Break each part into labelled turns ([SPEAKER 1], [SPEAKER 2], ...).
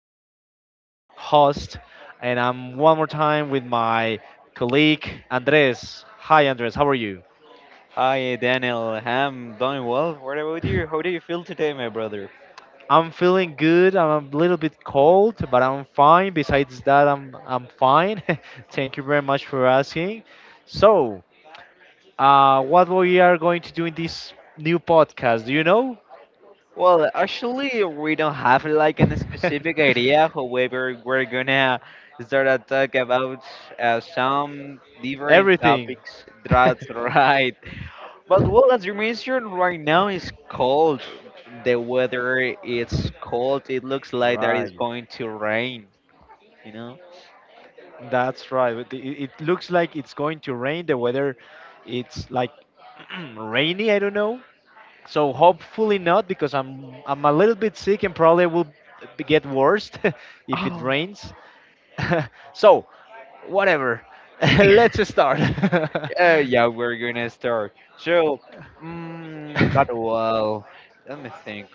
[SPEAKER 1] Daniel, your host, and I'm one more time with my colleague Andres. Hi Andres, how are you?
[SPEAKER 2] Hi Daniel, I'm doing well. What about you? How do you feel today, my brother?
[SPEAKER 1] I'm feeling good. I'm a little bit cold, but I'm fine. Besides that, I'm fine. Thank you very much for asking. So, what we are going to do in this new podcast? Do you know?
[SPEAKER 2] Well, actually, we don't have like any specific idea. However, we're gonna start to talk about some different
[SPEAKER 1] Everything.
[SPEAKER 2] topics. That's right. But well, as you mentioned, right now is cold. The weather it's cold. It looks like that is
[SPEAKER 1] Right.
[SPEAKER 2] going to rain. You know.
[SPEAKER 1] That's right. But it looks like it's going to rain. The weather, it's like rainy. I don't know. So hopefully not because I'm a little bit sick and probably will get worse if it
[SPEAKER 2] Oh.
[SPEAKER 1] rains. So whatever. Let's start.
[SPEAKER 2] Yeah, we're gonna start. So, but well, let me think.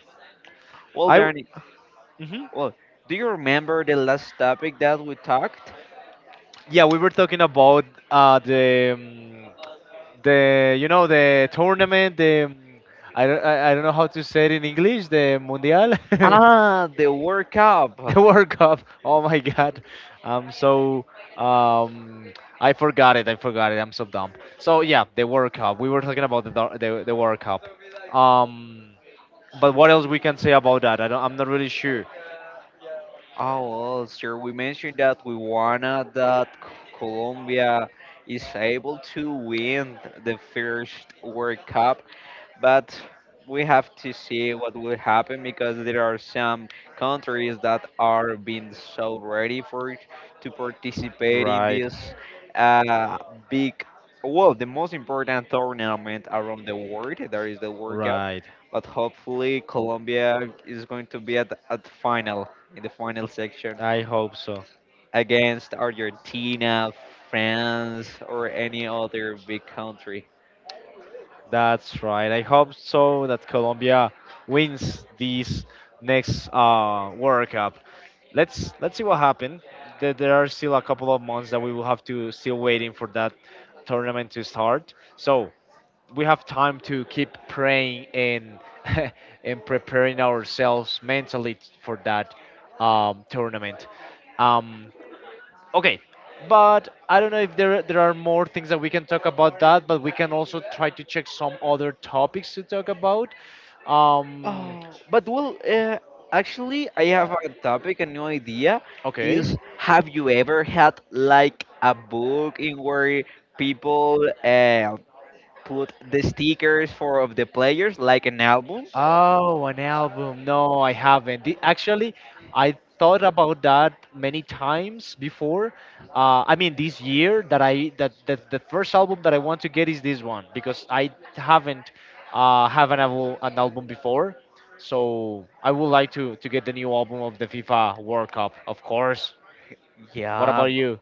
[SPEAKER 2] Well,
[SPEAKER 1] I. w-
[SPEAKER 2] Danny,
[SPEAKER 1] Mhm.
[SPEAKER 2] well, do you remember the last topic that we talked?
[SPEAKER 1] Yeah, we were talking about uh, the um, the the tournament. The I don't know how to say it in English. The Mundial, the
[SPEAKER 2] Ah, the World Cup.
[SPEAKER 1] World Cup. Oh my God, I'm so um I forgot it. I forgot it. I'm so dumb. So yeah, the World Cup. We were talking about the World Cup. Um, but what else we can say about that? I don't. I'm not really sure.
[SPEAKER 2] Oh, well, sir, we mentioned that we wanna that Colombia is able to win the first World Cup, but we have to see what will happen because there are some countries that are being so ready for it to participate in
[SPEAKER 1] Right.
[SPEAKER 2] this uh, big, well, the most important tournament around the world, there is the World Cup.
[SPEAKER 1] Right.
[SPEAKER 2] But hopefully Colombia is going to be at, final, in the final section,
[SPEAKER 1] I hope so.
[SPEAKER 2] against Argentina, France, or any other big country.
[SPEAKER 1] That's right. I hope so that Colombia wins this next World Cup. Let's see what happens. There are still a couple of months that we will have to still waiting for that tournament to start. So we have time to keep praying and and preparing ourselves mentally for that tournament. Um, Okay, but I don't know if there are more things that we can talk about that, but we can also try to check some other topics to talk about. Um,
[SPEAKER 2] Oh, but well, actually, I have a topic, a new idea.
[SPEAKER 1] okay,
[SPEAKER 2] Is, have you ever had like a book in where people put the stickers for of the players, like an album?
[SPEAKER 1] Oh, an album. No, I haven't. Actually, I thought about that many times before. I mean, this year that the first album that I want to get is this one because I haven't have an album before. So I would like to get the new album of the FIFA World Cup, of course. What
[SPEAKER 2] Yeah,
[SPEAKER 1] about you?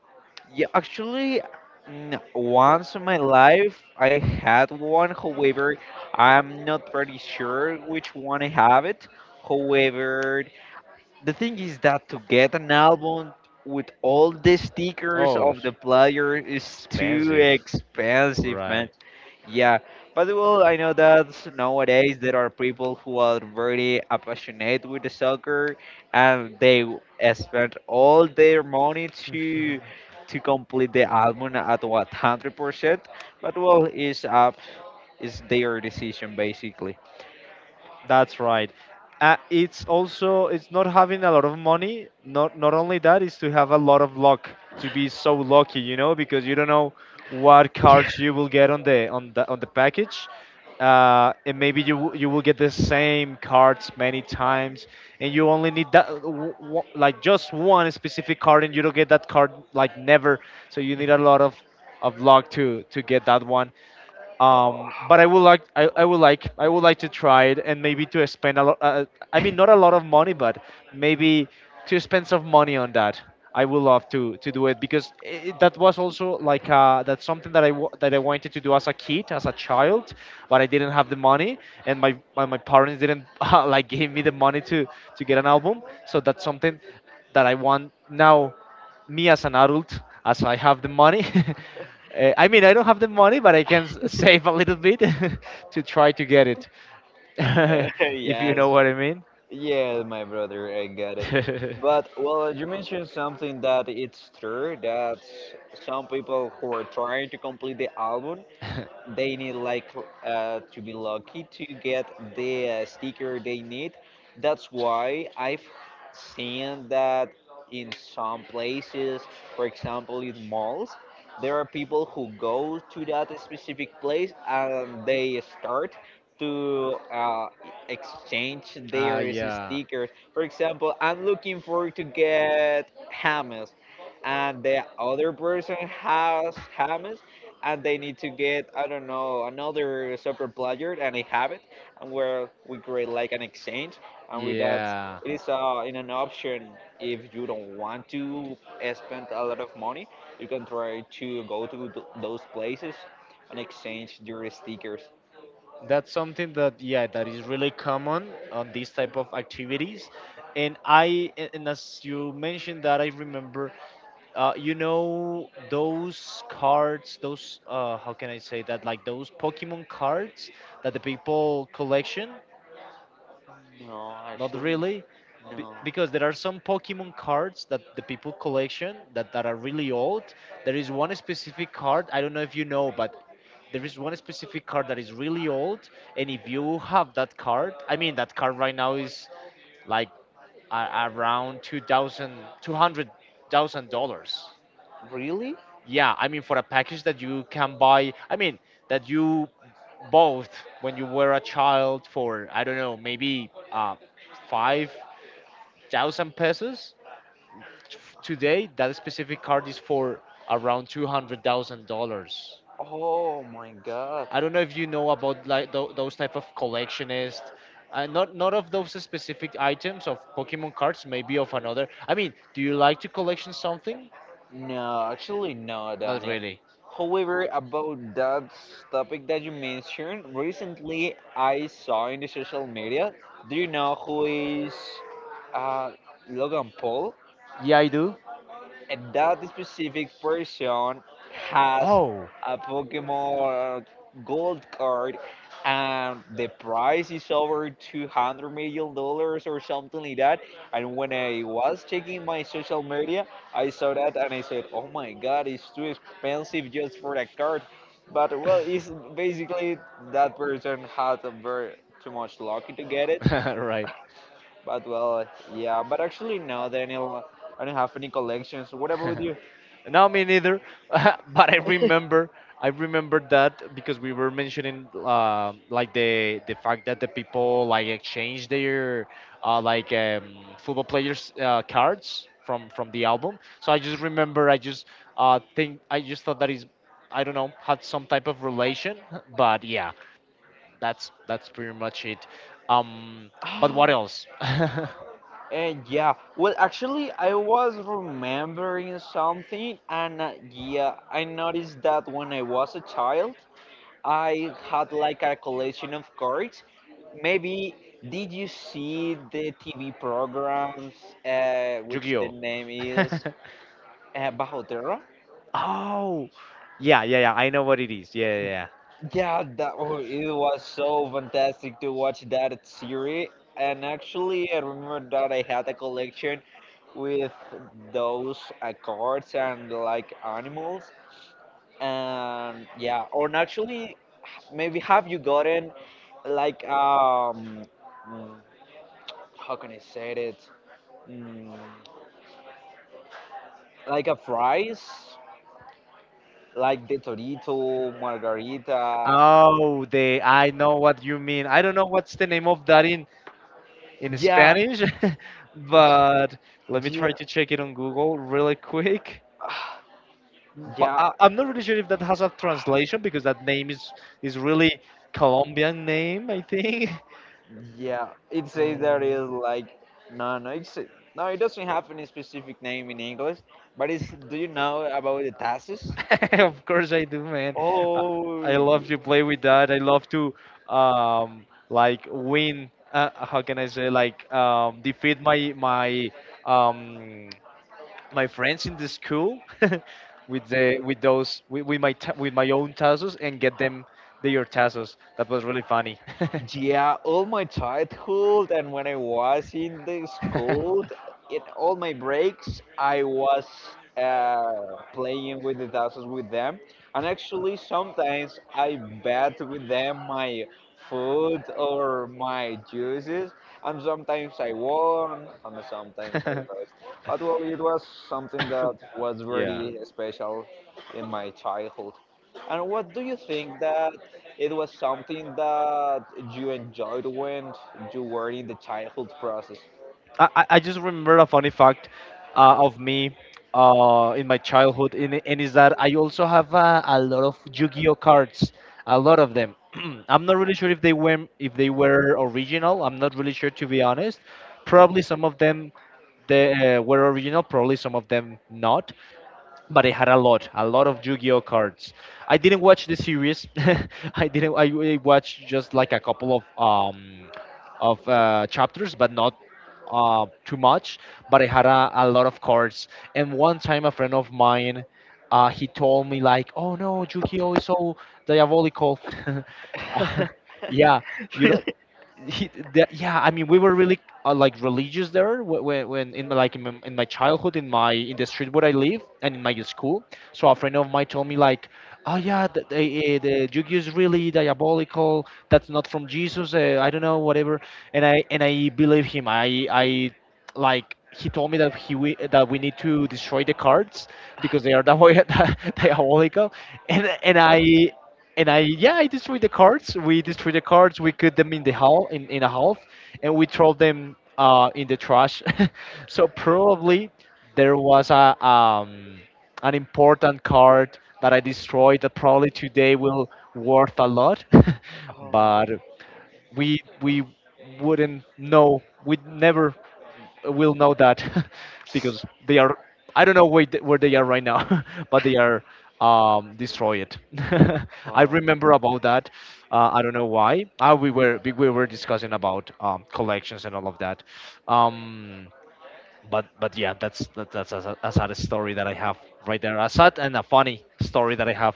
[SPEAKER 2] yeah. Actually, once in my life, I had one. However, I'm not pretty sure which one I have it. However, the thing is that to get an album with all the stickers
[SPEAKER 1] Oh,
[SPEAKER 2] of
[SPEAKER 1] s-
[SPEAKER 2] the player is too
[SPEAKER 1] Expensive,
[SPEAKER 2] expensive, man.
[SPEAKER 1] right?
[SPEAKER 2] Yeah, but well, I know that nowadays there are people who are very passionate with the soccer, and they spend all their money to complete the album at 100%. But well, it's up, it's their decision basically.
[SPEAKER 1] That's right. It's also it's not having a lot of money. Not only that is to have a lot of luck. To be so lucky, you know, because you don't know what cards you will get on the package, and maybe you will get the same cards many times, and you only need that like just one specific card, and you don't get that card like never. So you need a lot of luck to get that one. But I would like I would like to try it and maybe to spend a lot. I mean, not a lot of money, but maybe to spend some money on that. I would love to do it because that was also like that's something that I wanted to do as a kid, as a child, but I didn't have the money, and my parents didn't like give me the money to get an album. So that's something that I want now, me as an adult, as I have the money. I mean, I don't have the money, but I can save a little bit to try to get it,
[SPEAKER 2] Yeah.
[SPEAKER 1] if you
[SPEAKER 2] Yes,
[SPEAKER 1] know what I mean.
[SPEAKER 2] yeah, my brother, I got it. But well, you mentioned something that it's true, that some people who are trying to complete the album, they need like to be lucky to get the sticker they need. That's why I've seen that in some places, for example in malls, there are people who go to that specific place and they start to exchange
[SPEAKER 1] Ah,
[SPEAKER 2] their
[SPEAKER 1] yeah,
[SPEAKER 2] stickers. For example, I'm looking for to get Hamas, and the other person has Hamas, and they need to get, I don't know, another software player, and they have it, and where we create like an exchange, and with that
[SPEAKER 1] yeah.
[SPEAKER 2] it is in an option. If you don't want to spend a lot of money, you can try to go to those places and exchange your stickers.
[SPEAKER 1] That's something that, yeah, that is really common on these type of activities. And as you mentioned that, I remember you know those cards, those how can I say that, like those Pokemon cards that the people collection.
[SPEAKER 2] No,
[SPEAKER 1] Not
[SPEAKER 2] actually,
[SPEAKER 1] really,
[SPEAKER 2] no.
[SPEAKER 1] because there are some Pokemon cards that the people collection that are really old. There is one specific card, I don't know if you know, but there is one specific card that is really old, and if you have that card, I mean, that card right now is like around 2,000, $200,000.
[SPEAKER 2] Really?
[SPEAKER 1] Yeah, I mean, for a package that you can buy, I mean, that you both when you were a child for, I don't know, maybe 5 thousand pesos. Today, that specific card is for around $200,000.
[SPEAKER 2] Oh my god.
[SPEAKER 1] I don't know if you know about like those type of collectionists. Not of those specific items of Pokemon cards, maybe of another. I mean, do you like to collection something?
[SPEAKER 2] No, actually, no,
[SPEAKER 1] Not
[SPEAKER 2] Daniel.
[SPEAKER 1] really.
[SPEAKER 2] However, about that topic that you mentioned, recently I saw in the social media. Do you know who is uh, Logan Paul?
[SPEAKER 1] Yeah, I do.
[SPEAKER 2] And that specific person has
[SPEAKER 1] Oh,
[SPEAKER 2] a Pokemon gold card, and the price is over $200 million or something like that. And when I was checking my social media, I saw that and I said, "Oh my God, it's too expensive just for a card." But well, it's basically that person had a very too much lucky to get it.
[SPEAKER 1] right.
[SPEAKER 2] But well, yeah. But actually, no, Daniel, I don't have any collections. What about you?
[SPEAKER 1] No, me neither. But I remember that because we were mentioning like the fact that the people like exchange their football players cards from the album. So I just remember, I just thought that is, I don't know, had some type of relation. But yeah, that's pretty much it. Um, but what
[SPEAKER 2] Oh,
[SPEAKER 1] else?
[SPEAKER 2] and yeah. Well, actually, I was remembering something, and yeah, I noticed that when I was a child, I had like a collection of cards. Maybe, did you see the TV programs, which the
[SPEAKER 1] Yu-Gi-Oh.
[SPEAKER 2] name is Bajo Terra?
[SPEAKER 1] Oh, yeah, yeah, yeah. I know what it is. Yeah, yeah, yeah.
[SPEAKER 2] Yeah, that, oh, it was so fantastic to watch that series. And actually, I remember that I had a collection with those cards and like animals. And yeah, or actually, maybe have you gotten like mm, how can I say it? Mm, like a fries, like the Torito, Margarita.
[SPEAKER 1] Oh, the I know what you mean. I don't know what's the name of that in
[SPEAKER 2] Yeah,
[SPEAKER 1] Spanish, but let me try
[SPEAKER 2] yeah.
[SPEAKER 1] to check it on Google really quick. But
[SPEAKER 2] Yeah.
[SPEAKER 1] I'm not really sure if that has a translation because that name is really Colombian name, I think.
[SPEAKER 2] Yeah, it says that
[SPEAKER 1] Oh.
[SPEAKER 2] is like, no, no, it's, no, it doesn't have any specific name in English. But it's, do you know about the taxes?
[SPEAKER 1] Of course I do, man. I
[SPEAKER 2] Oh,
[SPEAKER 1] love to play with that. I love to like win. How can I say, like, defeat um, my friends in the school with the with my with my own tazos and get them their tazos. That was really funny.
[SPEAKER 2] yeah, all my childhood and when I was in the school, in all my breaks, I was playing with the tassels with them. And actually, sometimes I bet with them my food or my juices. And sometimes I won, and sometimes I lost. But well, it was something that was
[SPEAKER 1] Yeah.
[SPEAKER 2] very special in my childhood. And what do you think, that it was something that you enjoyed when you were in the childhood process.
[SPEAKER 1] I just remember a funny fact of me in my childhood, and is that I also have a lot of Yu-Gi-Oh cards, a lot of them. I'm not really sure if they were original. I'm not really sure to be honest. Probably some of them they were original, probably some of them not, but I had a lot of Yu-Gi-Oh cards. I didn't watch the series. I didn't. I watched just like a couple of chapters, but not too much. But I had a lot of cards. And one time, a friend of mine, he told me like, "Oh no, Yu-Gi-Oh is so diabolical." Uh, yeah, you know, yeah, I mean, we were really like religious there when, in my, like in my childhood, in my in the street where I live and in my school. So a friend of mine told me like, oh yeah, the Yu-Gi-Oh is really diabolical. That's not from Jesus. I don't know, whatever. And I believe him. I like He told me that that we need to destroy the cards because they are diabolical. And and i and I, yeah, I destroyed the cards. We destroyed the cards. We cut them in the hall in a half, and we throw them in the trash. So probably there was a an important card that I destroyed that probably today will worth a lot,
[SPEAKER 2] Oh,
[SPEAKER 1] but we wouldn't know, we never will know that, because they are, I don't know where, where they are right now. But they are destroyed. I
[SPEAKER 2] um,
[SPEAKER 1] remember about that. I don't know why we were discussing about collections and all of that. Um, but but yeah, that's that's a sad story that I have right there, a sad and a funny story that I have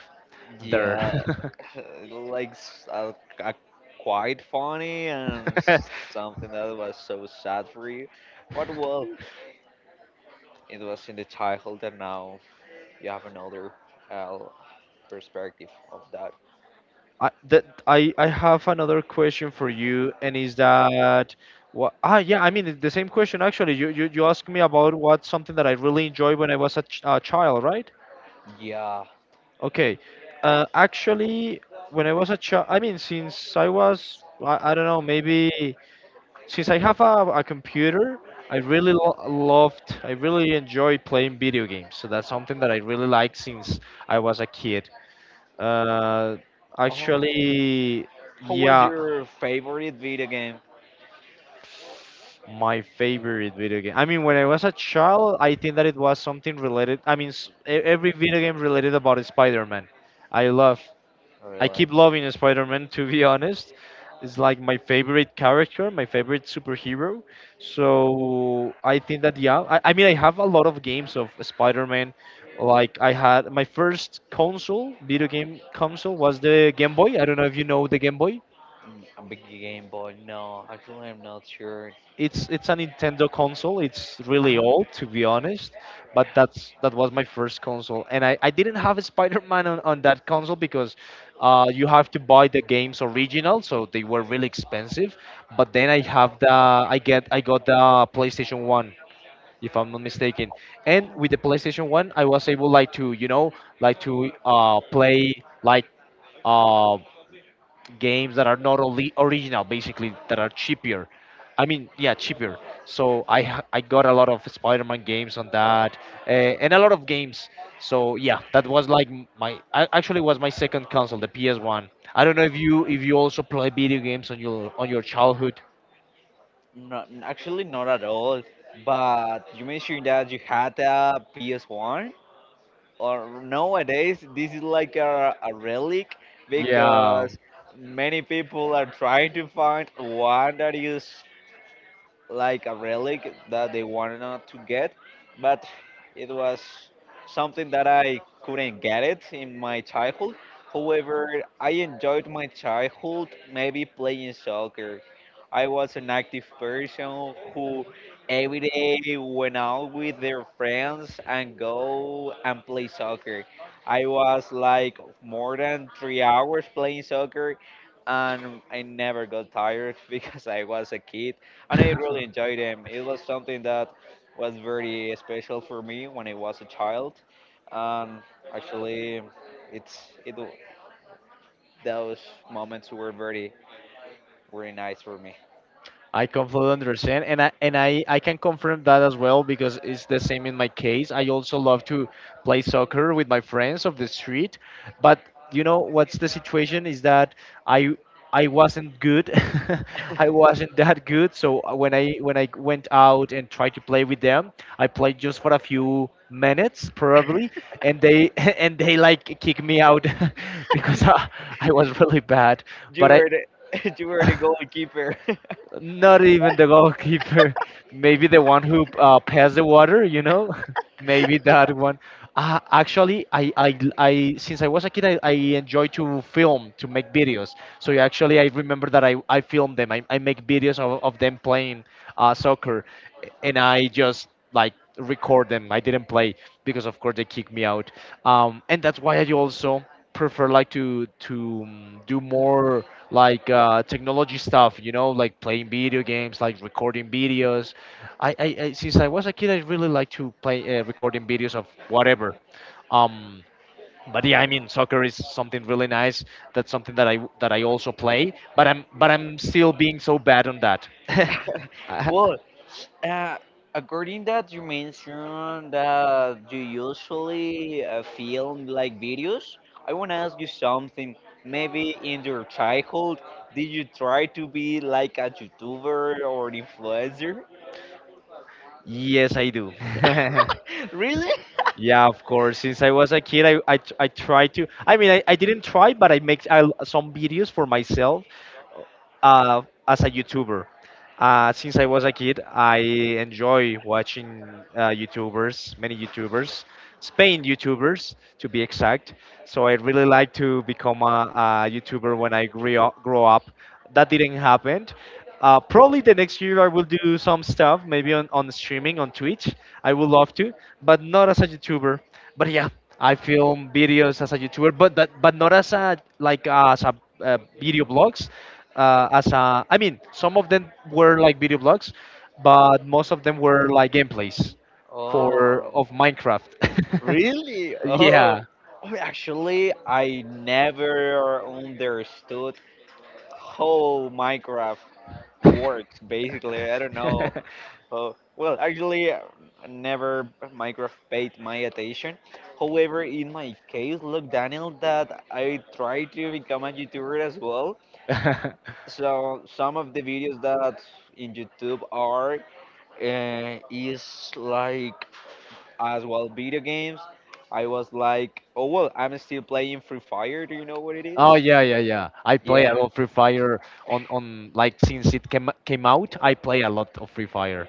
[SPEAKER 1] there.
[SPEAKER 2] yeah, like uh, quite funny and something that was so sad for you. But well, it was in the childhood, and now you have another uh, perspective of that.
[SPEAKER 1] I, that I have another question for you, and is that what? Ah, yeah. I mean, the same question actually. You asked me about what's something that I really enjoyed when I was a, ch a child, right?
[SPEAKER 2] Yeah.
[SPEAKER 1] Okay. Actually, when I was a child, I mean, since I was, I don't know, maybe since I have a computer, I really lo loved, I really enjoyed playing video games. So that's something that I really liked since I was a kid. Uh,
[SPEAKER 2] Oh,
[SPEAKER 1] Actually,
[SPEAKER 2] who was
[SPEAKER 1] yeah,
[SPEAKER 2] your favorite video game?
[SPEAKER 1] my favorite video game. I mean, when I was a child, I think that it was something related. I mean, every video game related about Spider-Man. I love. I
[SPEAKER 2] Really?
[SPEAKER 1] keep loving Spider-Man. To be honest, it's like my favorite character, my favorite superhero. So I think that, yeah. I mean, I have a lot of games of Spider-Man. Like I had my first console, video game console, was the Game Boy. I don't know if you know the Game Boy.
[SPEAKER 2] A big Game Boy? No, actually, I'm not sure.
[SPEAKER 1] It's a Nintendo console. It's really
[SPEAKER 2] Uh,
[SPEAKER 1] old, to be honest, but that was my first console, and I didn't have a Spider-Man on that console because you have to buy the games original, so they were really expensive. But then I got the PlayStation One, if I'm not mistaken, and
[SPEAKER 2] oh,
[SPEAKER 1] with the PlayStation One I was able, like, to like to play like. Uh, Games that are not only original, basically that are cheaper. I mean, yeah, cheaper. So I got a lot of Spider-Man games on that, and a lot of games. So yeah, that was like actually was my second console, the PS1. I don't know if you also play video games on your childhood.
[SPEAKER 2] no, actually, not at all. But you mentioned that you had a PS1, or nowadays this is like a relic,
[SPEAKER 1] Yeah.
[SPEAKER 2] because many people are trying to find one that is like a relic that they wanted not to get, but it was something that I couldn't get it in my childhood. However, I enjoyed my childhood, maybe playing soccer. I was an active person who every day went out with their friends and go and play soccer. I was like more than 3 hours playing soccer and I never got tired because I was a kid and I really enjoyed them. It was something that was very special for me when I was a child, and actually, it's it w- those moments were very, very nice for me.
[SPEAKER 1] I completely understand, and I can confirm that as well because it's the same in my case. I also love to play soccer with my friends of the street, but you know what's the situation is that I I wasn't good, I wasn't that good. So when I went out and tried to play with them, I played just for a few minutes probably, and they and they, like, kicked me out because I was really bad.
[SPEAKER 2] You
[SPEAKER 1] But I
[SPEAKER 2] were the, you were the goalkeeper.
[SPEAKER 1] not even the goalkeeper. Maybe the one who passed the water, you know? Maybe that one. Actually, since I was a kid, I enjoy to film, to make videos. So yeah, actually, I remember that I filmed them. I make videos of them playing soccer, and I just like record them. I didn't play because, of course, they kicked me out. And that's why I also prefer like to do more like technology stuff, you know, like playing video games, like recording videos. I Since I was a kid, I really like to play, recording videos of whatever. um but yeah, I mean, soccer is something really nice. That's something that I that I also play, but I'm still being so bad on that. Uh,
[SPEAKER 2] Well, Uh, according that you mentioned that you usually film like videos, I want to ask you something. Maybe in your childhood, did you try to be like a YouTuber or influencer?
[SPEAKER 1] yes, I do.
[SPEAKER 2] Really?
[SPEAKER 1] Yeah, of course. Since I was a kid, I tried to. I mean, I didn't try, but some videos for myself as a YouTuber. Since I was a kid, I enjoy watching YouTubers, many YouTubers, Spain YouTubers to be exact. So I really like to become a YouTuber when I grew up, grow up. That didn't happen. Probably the next year I will do some stuff, maybe on streaming on Twitch. I would love to, but not as a YouTuber. But yeah, I film videos as a YouTuber, but that, but not as a like as a video blogs as a, I mean, some of them were like video blogs, but most of them were like gameplays for
[SPEAKER 2] Oh,
[SPEAKER 1] of Minecraft.
[SPEAKER 2] really? Oh,
[SPEAKER 1] Yeah.
[SPEAKER 2] oh, actually, I never understood how Minecraft works, basically. I don't know. Oh, well, actually, never Minecraft paid my attention. However, in my case, look, Daniel, that I try to become a YouTuber as well. So some of the videos that in YouTube are is like as well video games. I was like, oh well, I'm still playing Free Fire. Do you know what it is?
[SPEAKER 1] Oh yeah, yeah, yeah. I play
[SPEAKER 2] Yeah.
[SPEAKER 1] a lot of Free Fire on like since it came came out. I play a lot of Free Fire.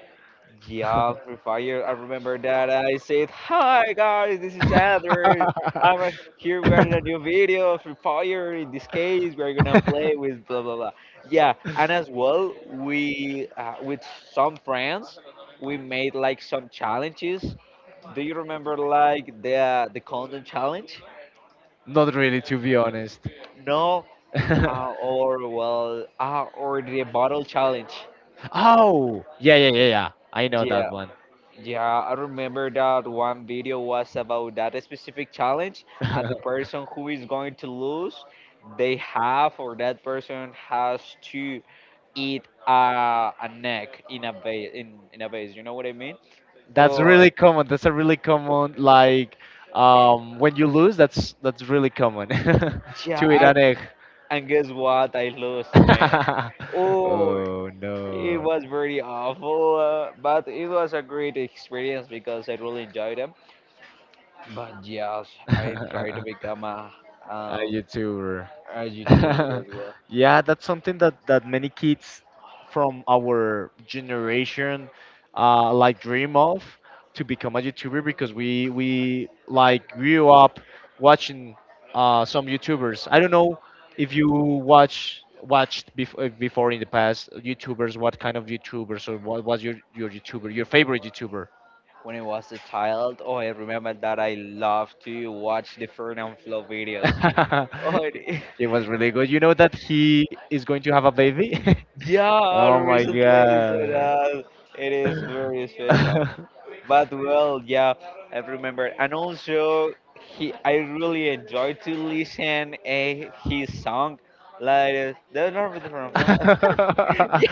[SPEAKER 2] Yeah, Free Fire. I remember that I said, "Hi guys, this is Andrew. I'm here. We're in a new video of Free Fire. In this case, we're gonna play with blah blah blah." Yeah, and as well, we with some friends, we made like some challenges. Do you remember like the condom challenge?
[SPEAKER 1] Not really, to be honest.
[SPEAKER 2] No, or well, or the bottle challenge.
[SPEAKER 1] Oh yeah, yeah, yeah, yeah. I know that
[SPEAKER 2] Yeah,
[SPEAKER 1] one.
[SPEAKER 2] yeah, I remember that one video was about that specific challenge, and the person who is going to lose, they have, or that person has to eat a neck in a vase. In a vase, you know what I mean?
[SPEAKER 1] That's
[SPEAKER 2] Oh,
[SPEAKER 1] really common. That's a really common like when you lose. That's really common to eat
[SPEAKER 2] yeah,
[SPEAKER 1] an egg.
[SPEAKER 2] and guess what? I lost, man. Oh,
[SPEAKER 1] Oh
[SPEAKER 2] it
[SPEAKER 1] no,
[SPEAKER 2] was very awful, but it was a great experience because I really enjoyed them. But yes, I try to
[SPEAKER 1] a
[SPEAKER 2] become um,
[SPEAKER 1] YouTuber.
[SPEAKER 2] a YouTuber as well.
[SPEAKER 1] Yeah, that's something that many kids from our generation like dream of, to become a YouTuber because we like grew up watching some YouTubers. I don't know if you watched before, in the past, YouTubers. What kind of YouTubers, or what was your favorite YouTuber?
[SPEAKER 2] When I was a child, oh, I remember that I loved to watch the Fernand Flow videos. Oh, it-
[SPEAKER 1] It was really good. You know that he is going to have a baby.
[SPEAKER 2] yeah, I
[SPEAKER 1] Oh my
[SPEAKER 2] recently, so
[SPEAKER 1] god.
[SPEAKER 2] that it is very special.
[SPEAKER 1] uh,
[SPEAKER 2] But well, yeah, I remember, and also he, I really enjoyed to listen a his song, like that's not the Fernand Flo. Yeah,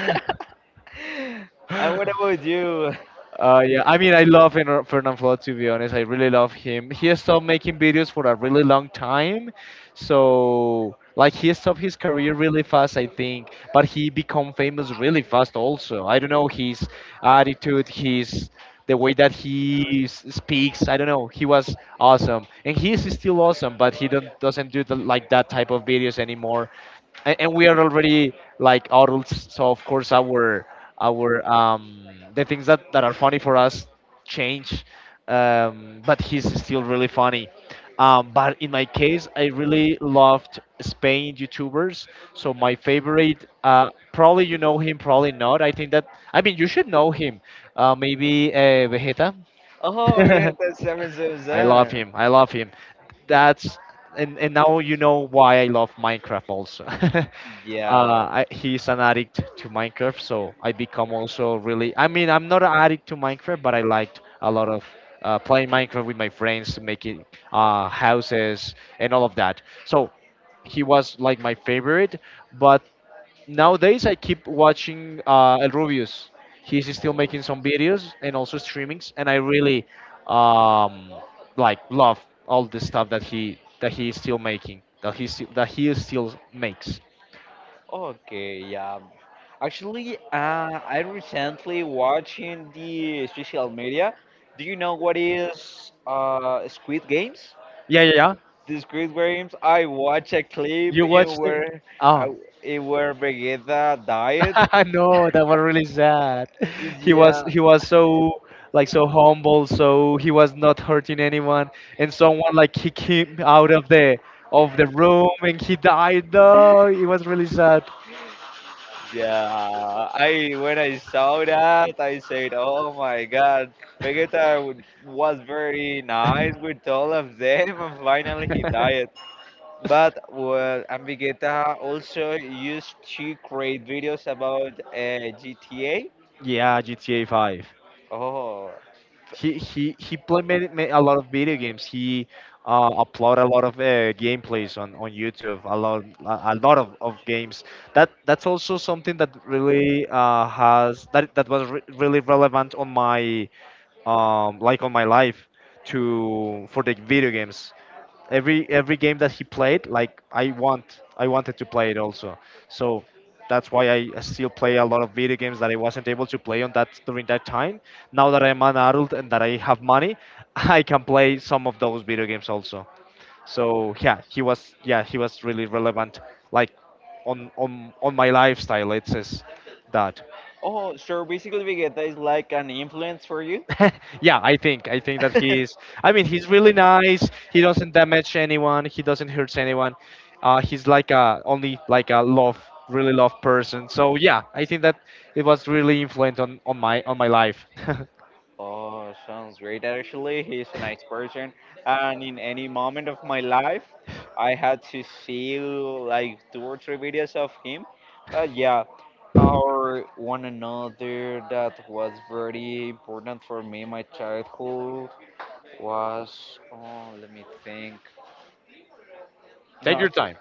[SPEAKER 2] and what about you?
[SPEAKER 1] yeah, I mean, I love Fernand Flood, to be honest. I really love him. He has stopped making videos for a really long time, so like he stopped his career really fast, I think. But he become famous really fast also. I don't know his attitude, his the way that speaks. I don't know. He was awesome, and he is still awesome, but he don't, doesn't do the, like that type of videos anymore. And we are already like adults, so of course our our um the things that are funny for us change. But he's still really funny. But in my case, I really loved Spain YouTubers. So my favorite, probably you know him, probably not. I think that, I mean, you should know him. Maybe Vegeta.
[SPEAKER 2] Oh, we had that seven seven
[SPEAKER 1] I
[SPEAKER 2] seven.
[SPEAKER 1] love him. I love him. That's, and now you know why I love Minecraft also.
[SPEAKER 2] Yeah.
[SPEAKER 1] I, he's an addict to Minecraft, so I become also really. I mean, I'm not an addict to Minecraft, but I liked a lot of playing Minecraft with my friends, making houses and all of that. So he was like my favorite, but. Nowadays, I keep watching El Rubius. He's still making some videos and also streamings, and I really um, like love all the stuff that he is still making, that he still makes.
[SPEAKER 2] Okay, yeah. Actually, I recently watching the social media. Do you know what is Squid Games?
[SPEAKER 1] Yeah, yeah, yeah.
[SPEAKER 2] The Squid Games. I watched a clip
[SPEAKER 1] You
[SPEAKER 2] in
[SPEAKER 1] watched it?
[SPEAKER 2] where I,
[SPEAKER 1] Oh,
[SPEAKER 2] in where Vegeta died.
[SPEAKER 1] no, that was really sad.
[SPEAKER 2] Yeah,
[SPEAKER 1] He was so like so humble, so he was not hurting anyone, and someone like kicked him out of the room, and he died. No, it was really sad.
[SPEAKER 2] yeah. I when I saw that, I said, "Oh my God, Vegeta was very nice with all of them, and finally he died." But well, Ambigueta also used to create videos about GTA.
[SPEAKER 1] Yeah, GTA 5.
[SPEAKER 2] Oh,
[SPEAKER 1] He played many, many, a lot of video games. He uploaded a lot of gameplays on YouTube. A lot of games. That that's also something that really has that that was really relevant on my like on my life to for the video games. Every game that he played, like I wanted to play it also. So that's why I still play a lot of video games that I wasn't able to play on that during that time. Now that I'm an adult and that I have money, I can play some of those video games also. So yeah, he was, yeah, he was really relevant, like on my lifestyle, it says that.
[SPEAKER 2] oh, so basically Vegeta is like an influence for you.
[SPEAKER 1] Yeah, I think that he's. I mean, he's really nice. He doesn't damage anyone. He doesn't hurt anyone. He's like a only like a love, really love person. So yeah, I think that it was really influent on my life.
[SPEAKER 2] Oh, sounds great. Actually, he's a nice person, and in any moment of my life, I had to see like two or three videos of him. But yeah, or one another that was very important for me in my childhood was, oh, let me think.
[SPEAKER 1] Take
[SPEAKER 2] No,
[SPEAKER 1] your time.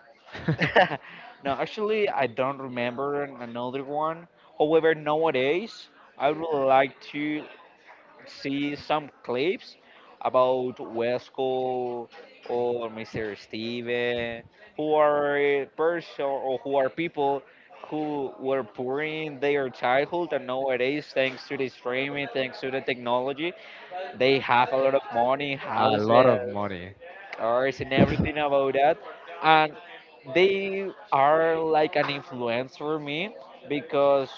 [SPEAKER 2] actu- no, actually, I don't remember another one. However, nowadays I would like to see some clips about Wesco or Mr. Steven, who are person, or who are people who were poor in their childhood, and nowadays, thanks to the streaming, thanks to the technology, they have a lot of money,
[SPEAKER 1] A lot of
[SPEAKER 2] houses,
[SPEAKER 1] money.
[SPEAKER 2] cars, and everything about that. And they are like an influence for me because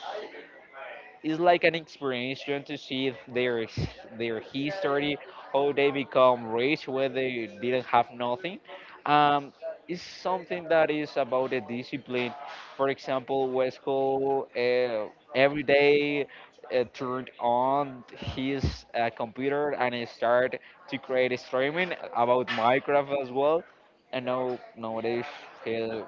[SPEAKER 2] it's like an experience to see their history, how they become rich when they didn't have nothing. Um, it's something that is about the discipline. For example, Westcott every day turned on his computer and he started to create a streaming about Minecraft as well. And now nowadays he,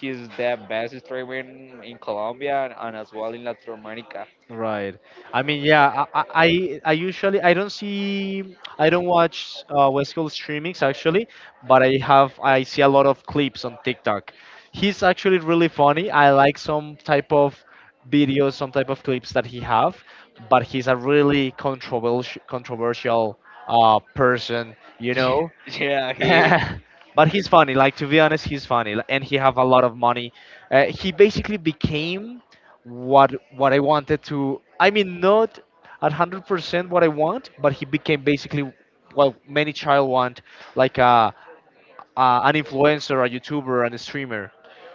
[SPEAKER 2] he's the best streamer in Colombia and as well in Latin America.
[SPEAKER 1] Right. I mean, yeah. I usually I don't watch West Coast streamings actually, but I see a lot of clips on TikTok. He's actually really funny. I like some type of videos, some type of clips that he have, but he's a really controversial person. You know,
[SPEAKER 2] Yeah, he is.
[SPEAKER 1] but he's funny. Like, to be honest, he's funny, and he have a lot of money. He basically became what I wanted to. I mean, not at 100% what I want, but he became basically what many child want, like a an influencer, a YouTuber, and a streamer.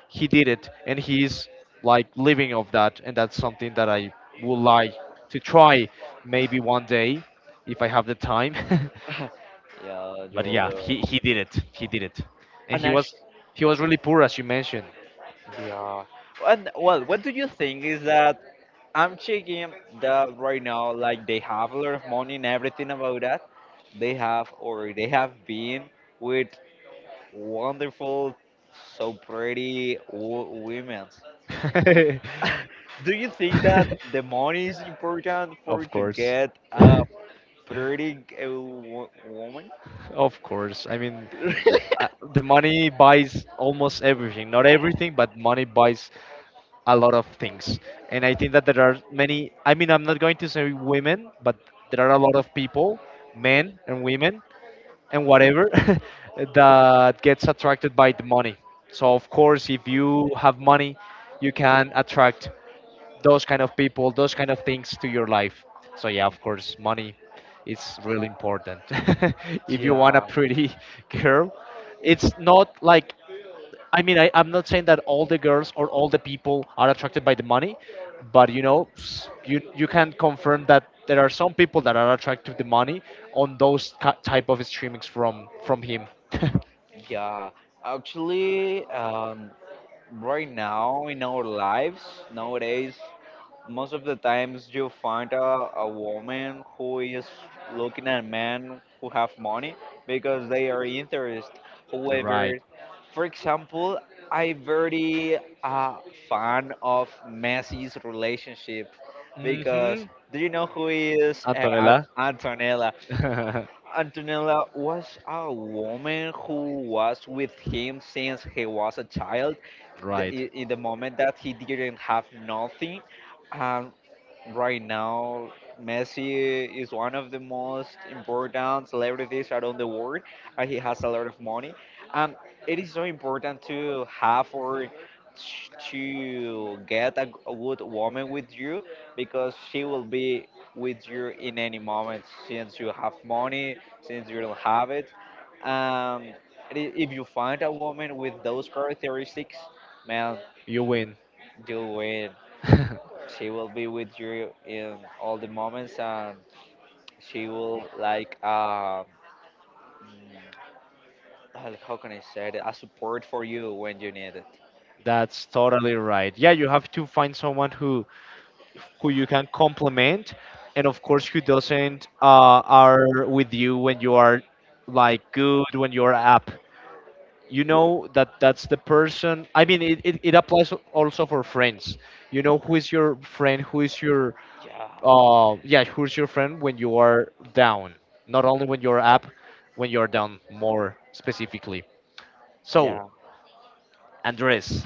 [SPEAKER 1] He did it, and he's like living of that, and that's something that I would like to try maybe one day if I have the time.
[SPEAKER 2] Yeah, you
[SPEAKER 1] But
[SPEAKER 2] will
[SPEAKER 1] yeah,
[SPEAKER 2] do it.
[SPEAKER 1] he did it. He did it, and
[SPEAKER 2] And actually,
[SPEAKER 1] he was really poor, as you mentioned.
[SPEAKER 2] yeah. And well, what do you think is that, I'm checking that right now, like they have a lot of money and everything about that. They have, or they have been with wonderful, so pretty women. Do you think that the money is important for
[SPEAKER 1] Of
[SPEAKER 2] to
[SPEAKER 1] course,
[SPEAKER 2] get a pretty woman?
[SPEAKER 1] of course. I mean, the, uh, the money buys almost everything. Not everything, but money buys a lot of things. And I think that there are many. I mean, I'm not going to say women, but there are a lot of people, men and women, and whatever that gets attracted by the money. So of course, if you have money, you can attract those kind of people, those kind of things to your life. So yeah, of course, money is really important. If you want a
[SPEAKER 2] Yeah.
[SPEAKER 1] pretty girl, it's not like I mean, I'm not saying that all the girls or all the people are attracted by the money, but you know, you you can confirm that there are some people that are attracted to the money on those type of streamings from him.
[SPEAKER 2] Yeah, actually, right now in our lives nowadays, most of the times you find a woman who is looking at men who have money because they are interested.
[SPEAKER 1] You're right.
[SPEAKER 2] However, for example, I very uh, fan of Messi's relationship
[SPEAKER 1] Mm-hmm.
[SPEAKER 2] because, do you know who is
[SPEAKER 1] Antonella.
[SPEAKER 2] Antonella, Antonella was a woman who was with him since he was a child. The,
[SPEAKER 1] Right.
[SPEAKER 2] in the moment that he didn't have nothing, and right now Messi is one of the most important celebrities around the world and he has a lot of money. Um, it is so important to have, or to get a, a good woman with you, because she will be with you in any moment since you have money, since you don't have it. Um, and if you find a woman with those characteristics, man,
[SPEAKER 1] You win.
[SPEAKER 2] you win. She will be with you in all the moments, and she will like mm, how can I say it? A support for you when you need it.
[SPEAKER 1] That's totally right. Yeah, you have to find someone who you can compliment, and of course, who doesn't are with you when you are like good, when you're up. You know that that's the person. I mean, it applies also for friends. You know who is your friend, who is your
[SPEAKER 2] Yeah,
[SPEAKER 1] yeah, who's your friend when you are down? Not only when you're up, when you're down more specifically. So,
[SPEAKER 2] yeah.
[SPEAKER 1] Andres,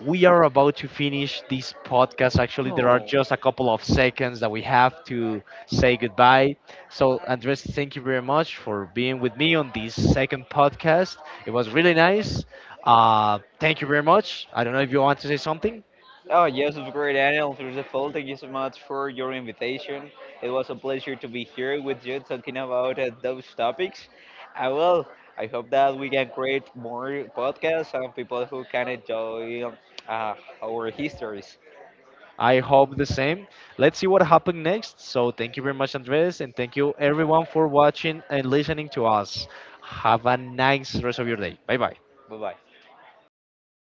[SPEAKER 1] we are about to finish this podcast. Actually, there are
[SPEAKER 2] Oh,
[SPEAKER 1] just a couple of seconds that we have to say goodbye. So, Andres, thank you very much for being with me on this second podcast. It was really nice. Thank you very much. I don't know if you want to say something.
[SPEAKER 2] oh yes, of course, Daniel. First of all, thank you so much for your invitation. It was a pleasure to be here with you talking about those topics. I will. I hope that we can create more podcasts and people who can enjoy uh, our histories.
[SPEAKER 1] I hope the same. Let's see what happens next. So, thank you very much, Andres, and thank you everyone for watching and listening to us. Have a nice rest of your day. Bye bye.
[SPEAKER 2] Bye bye.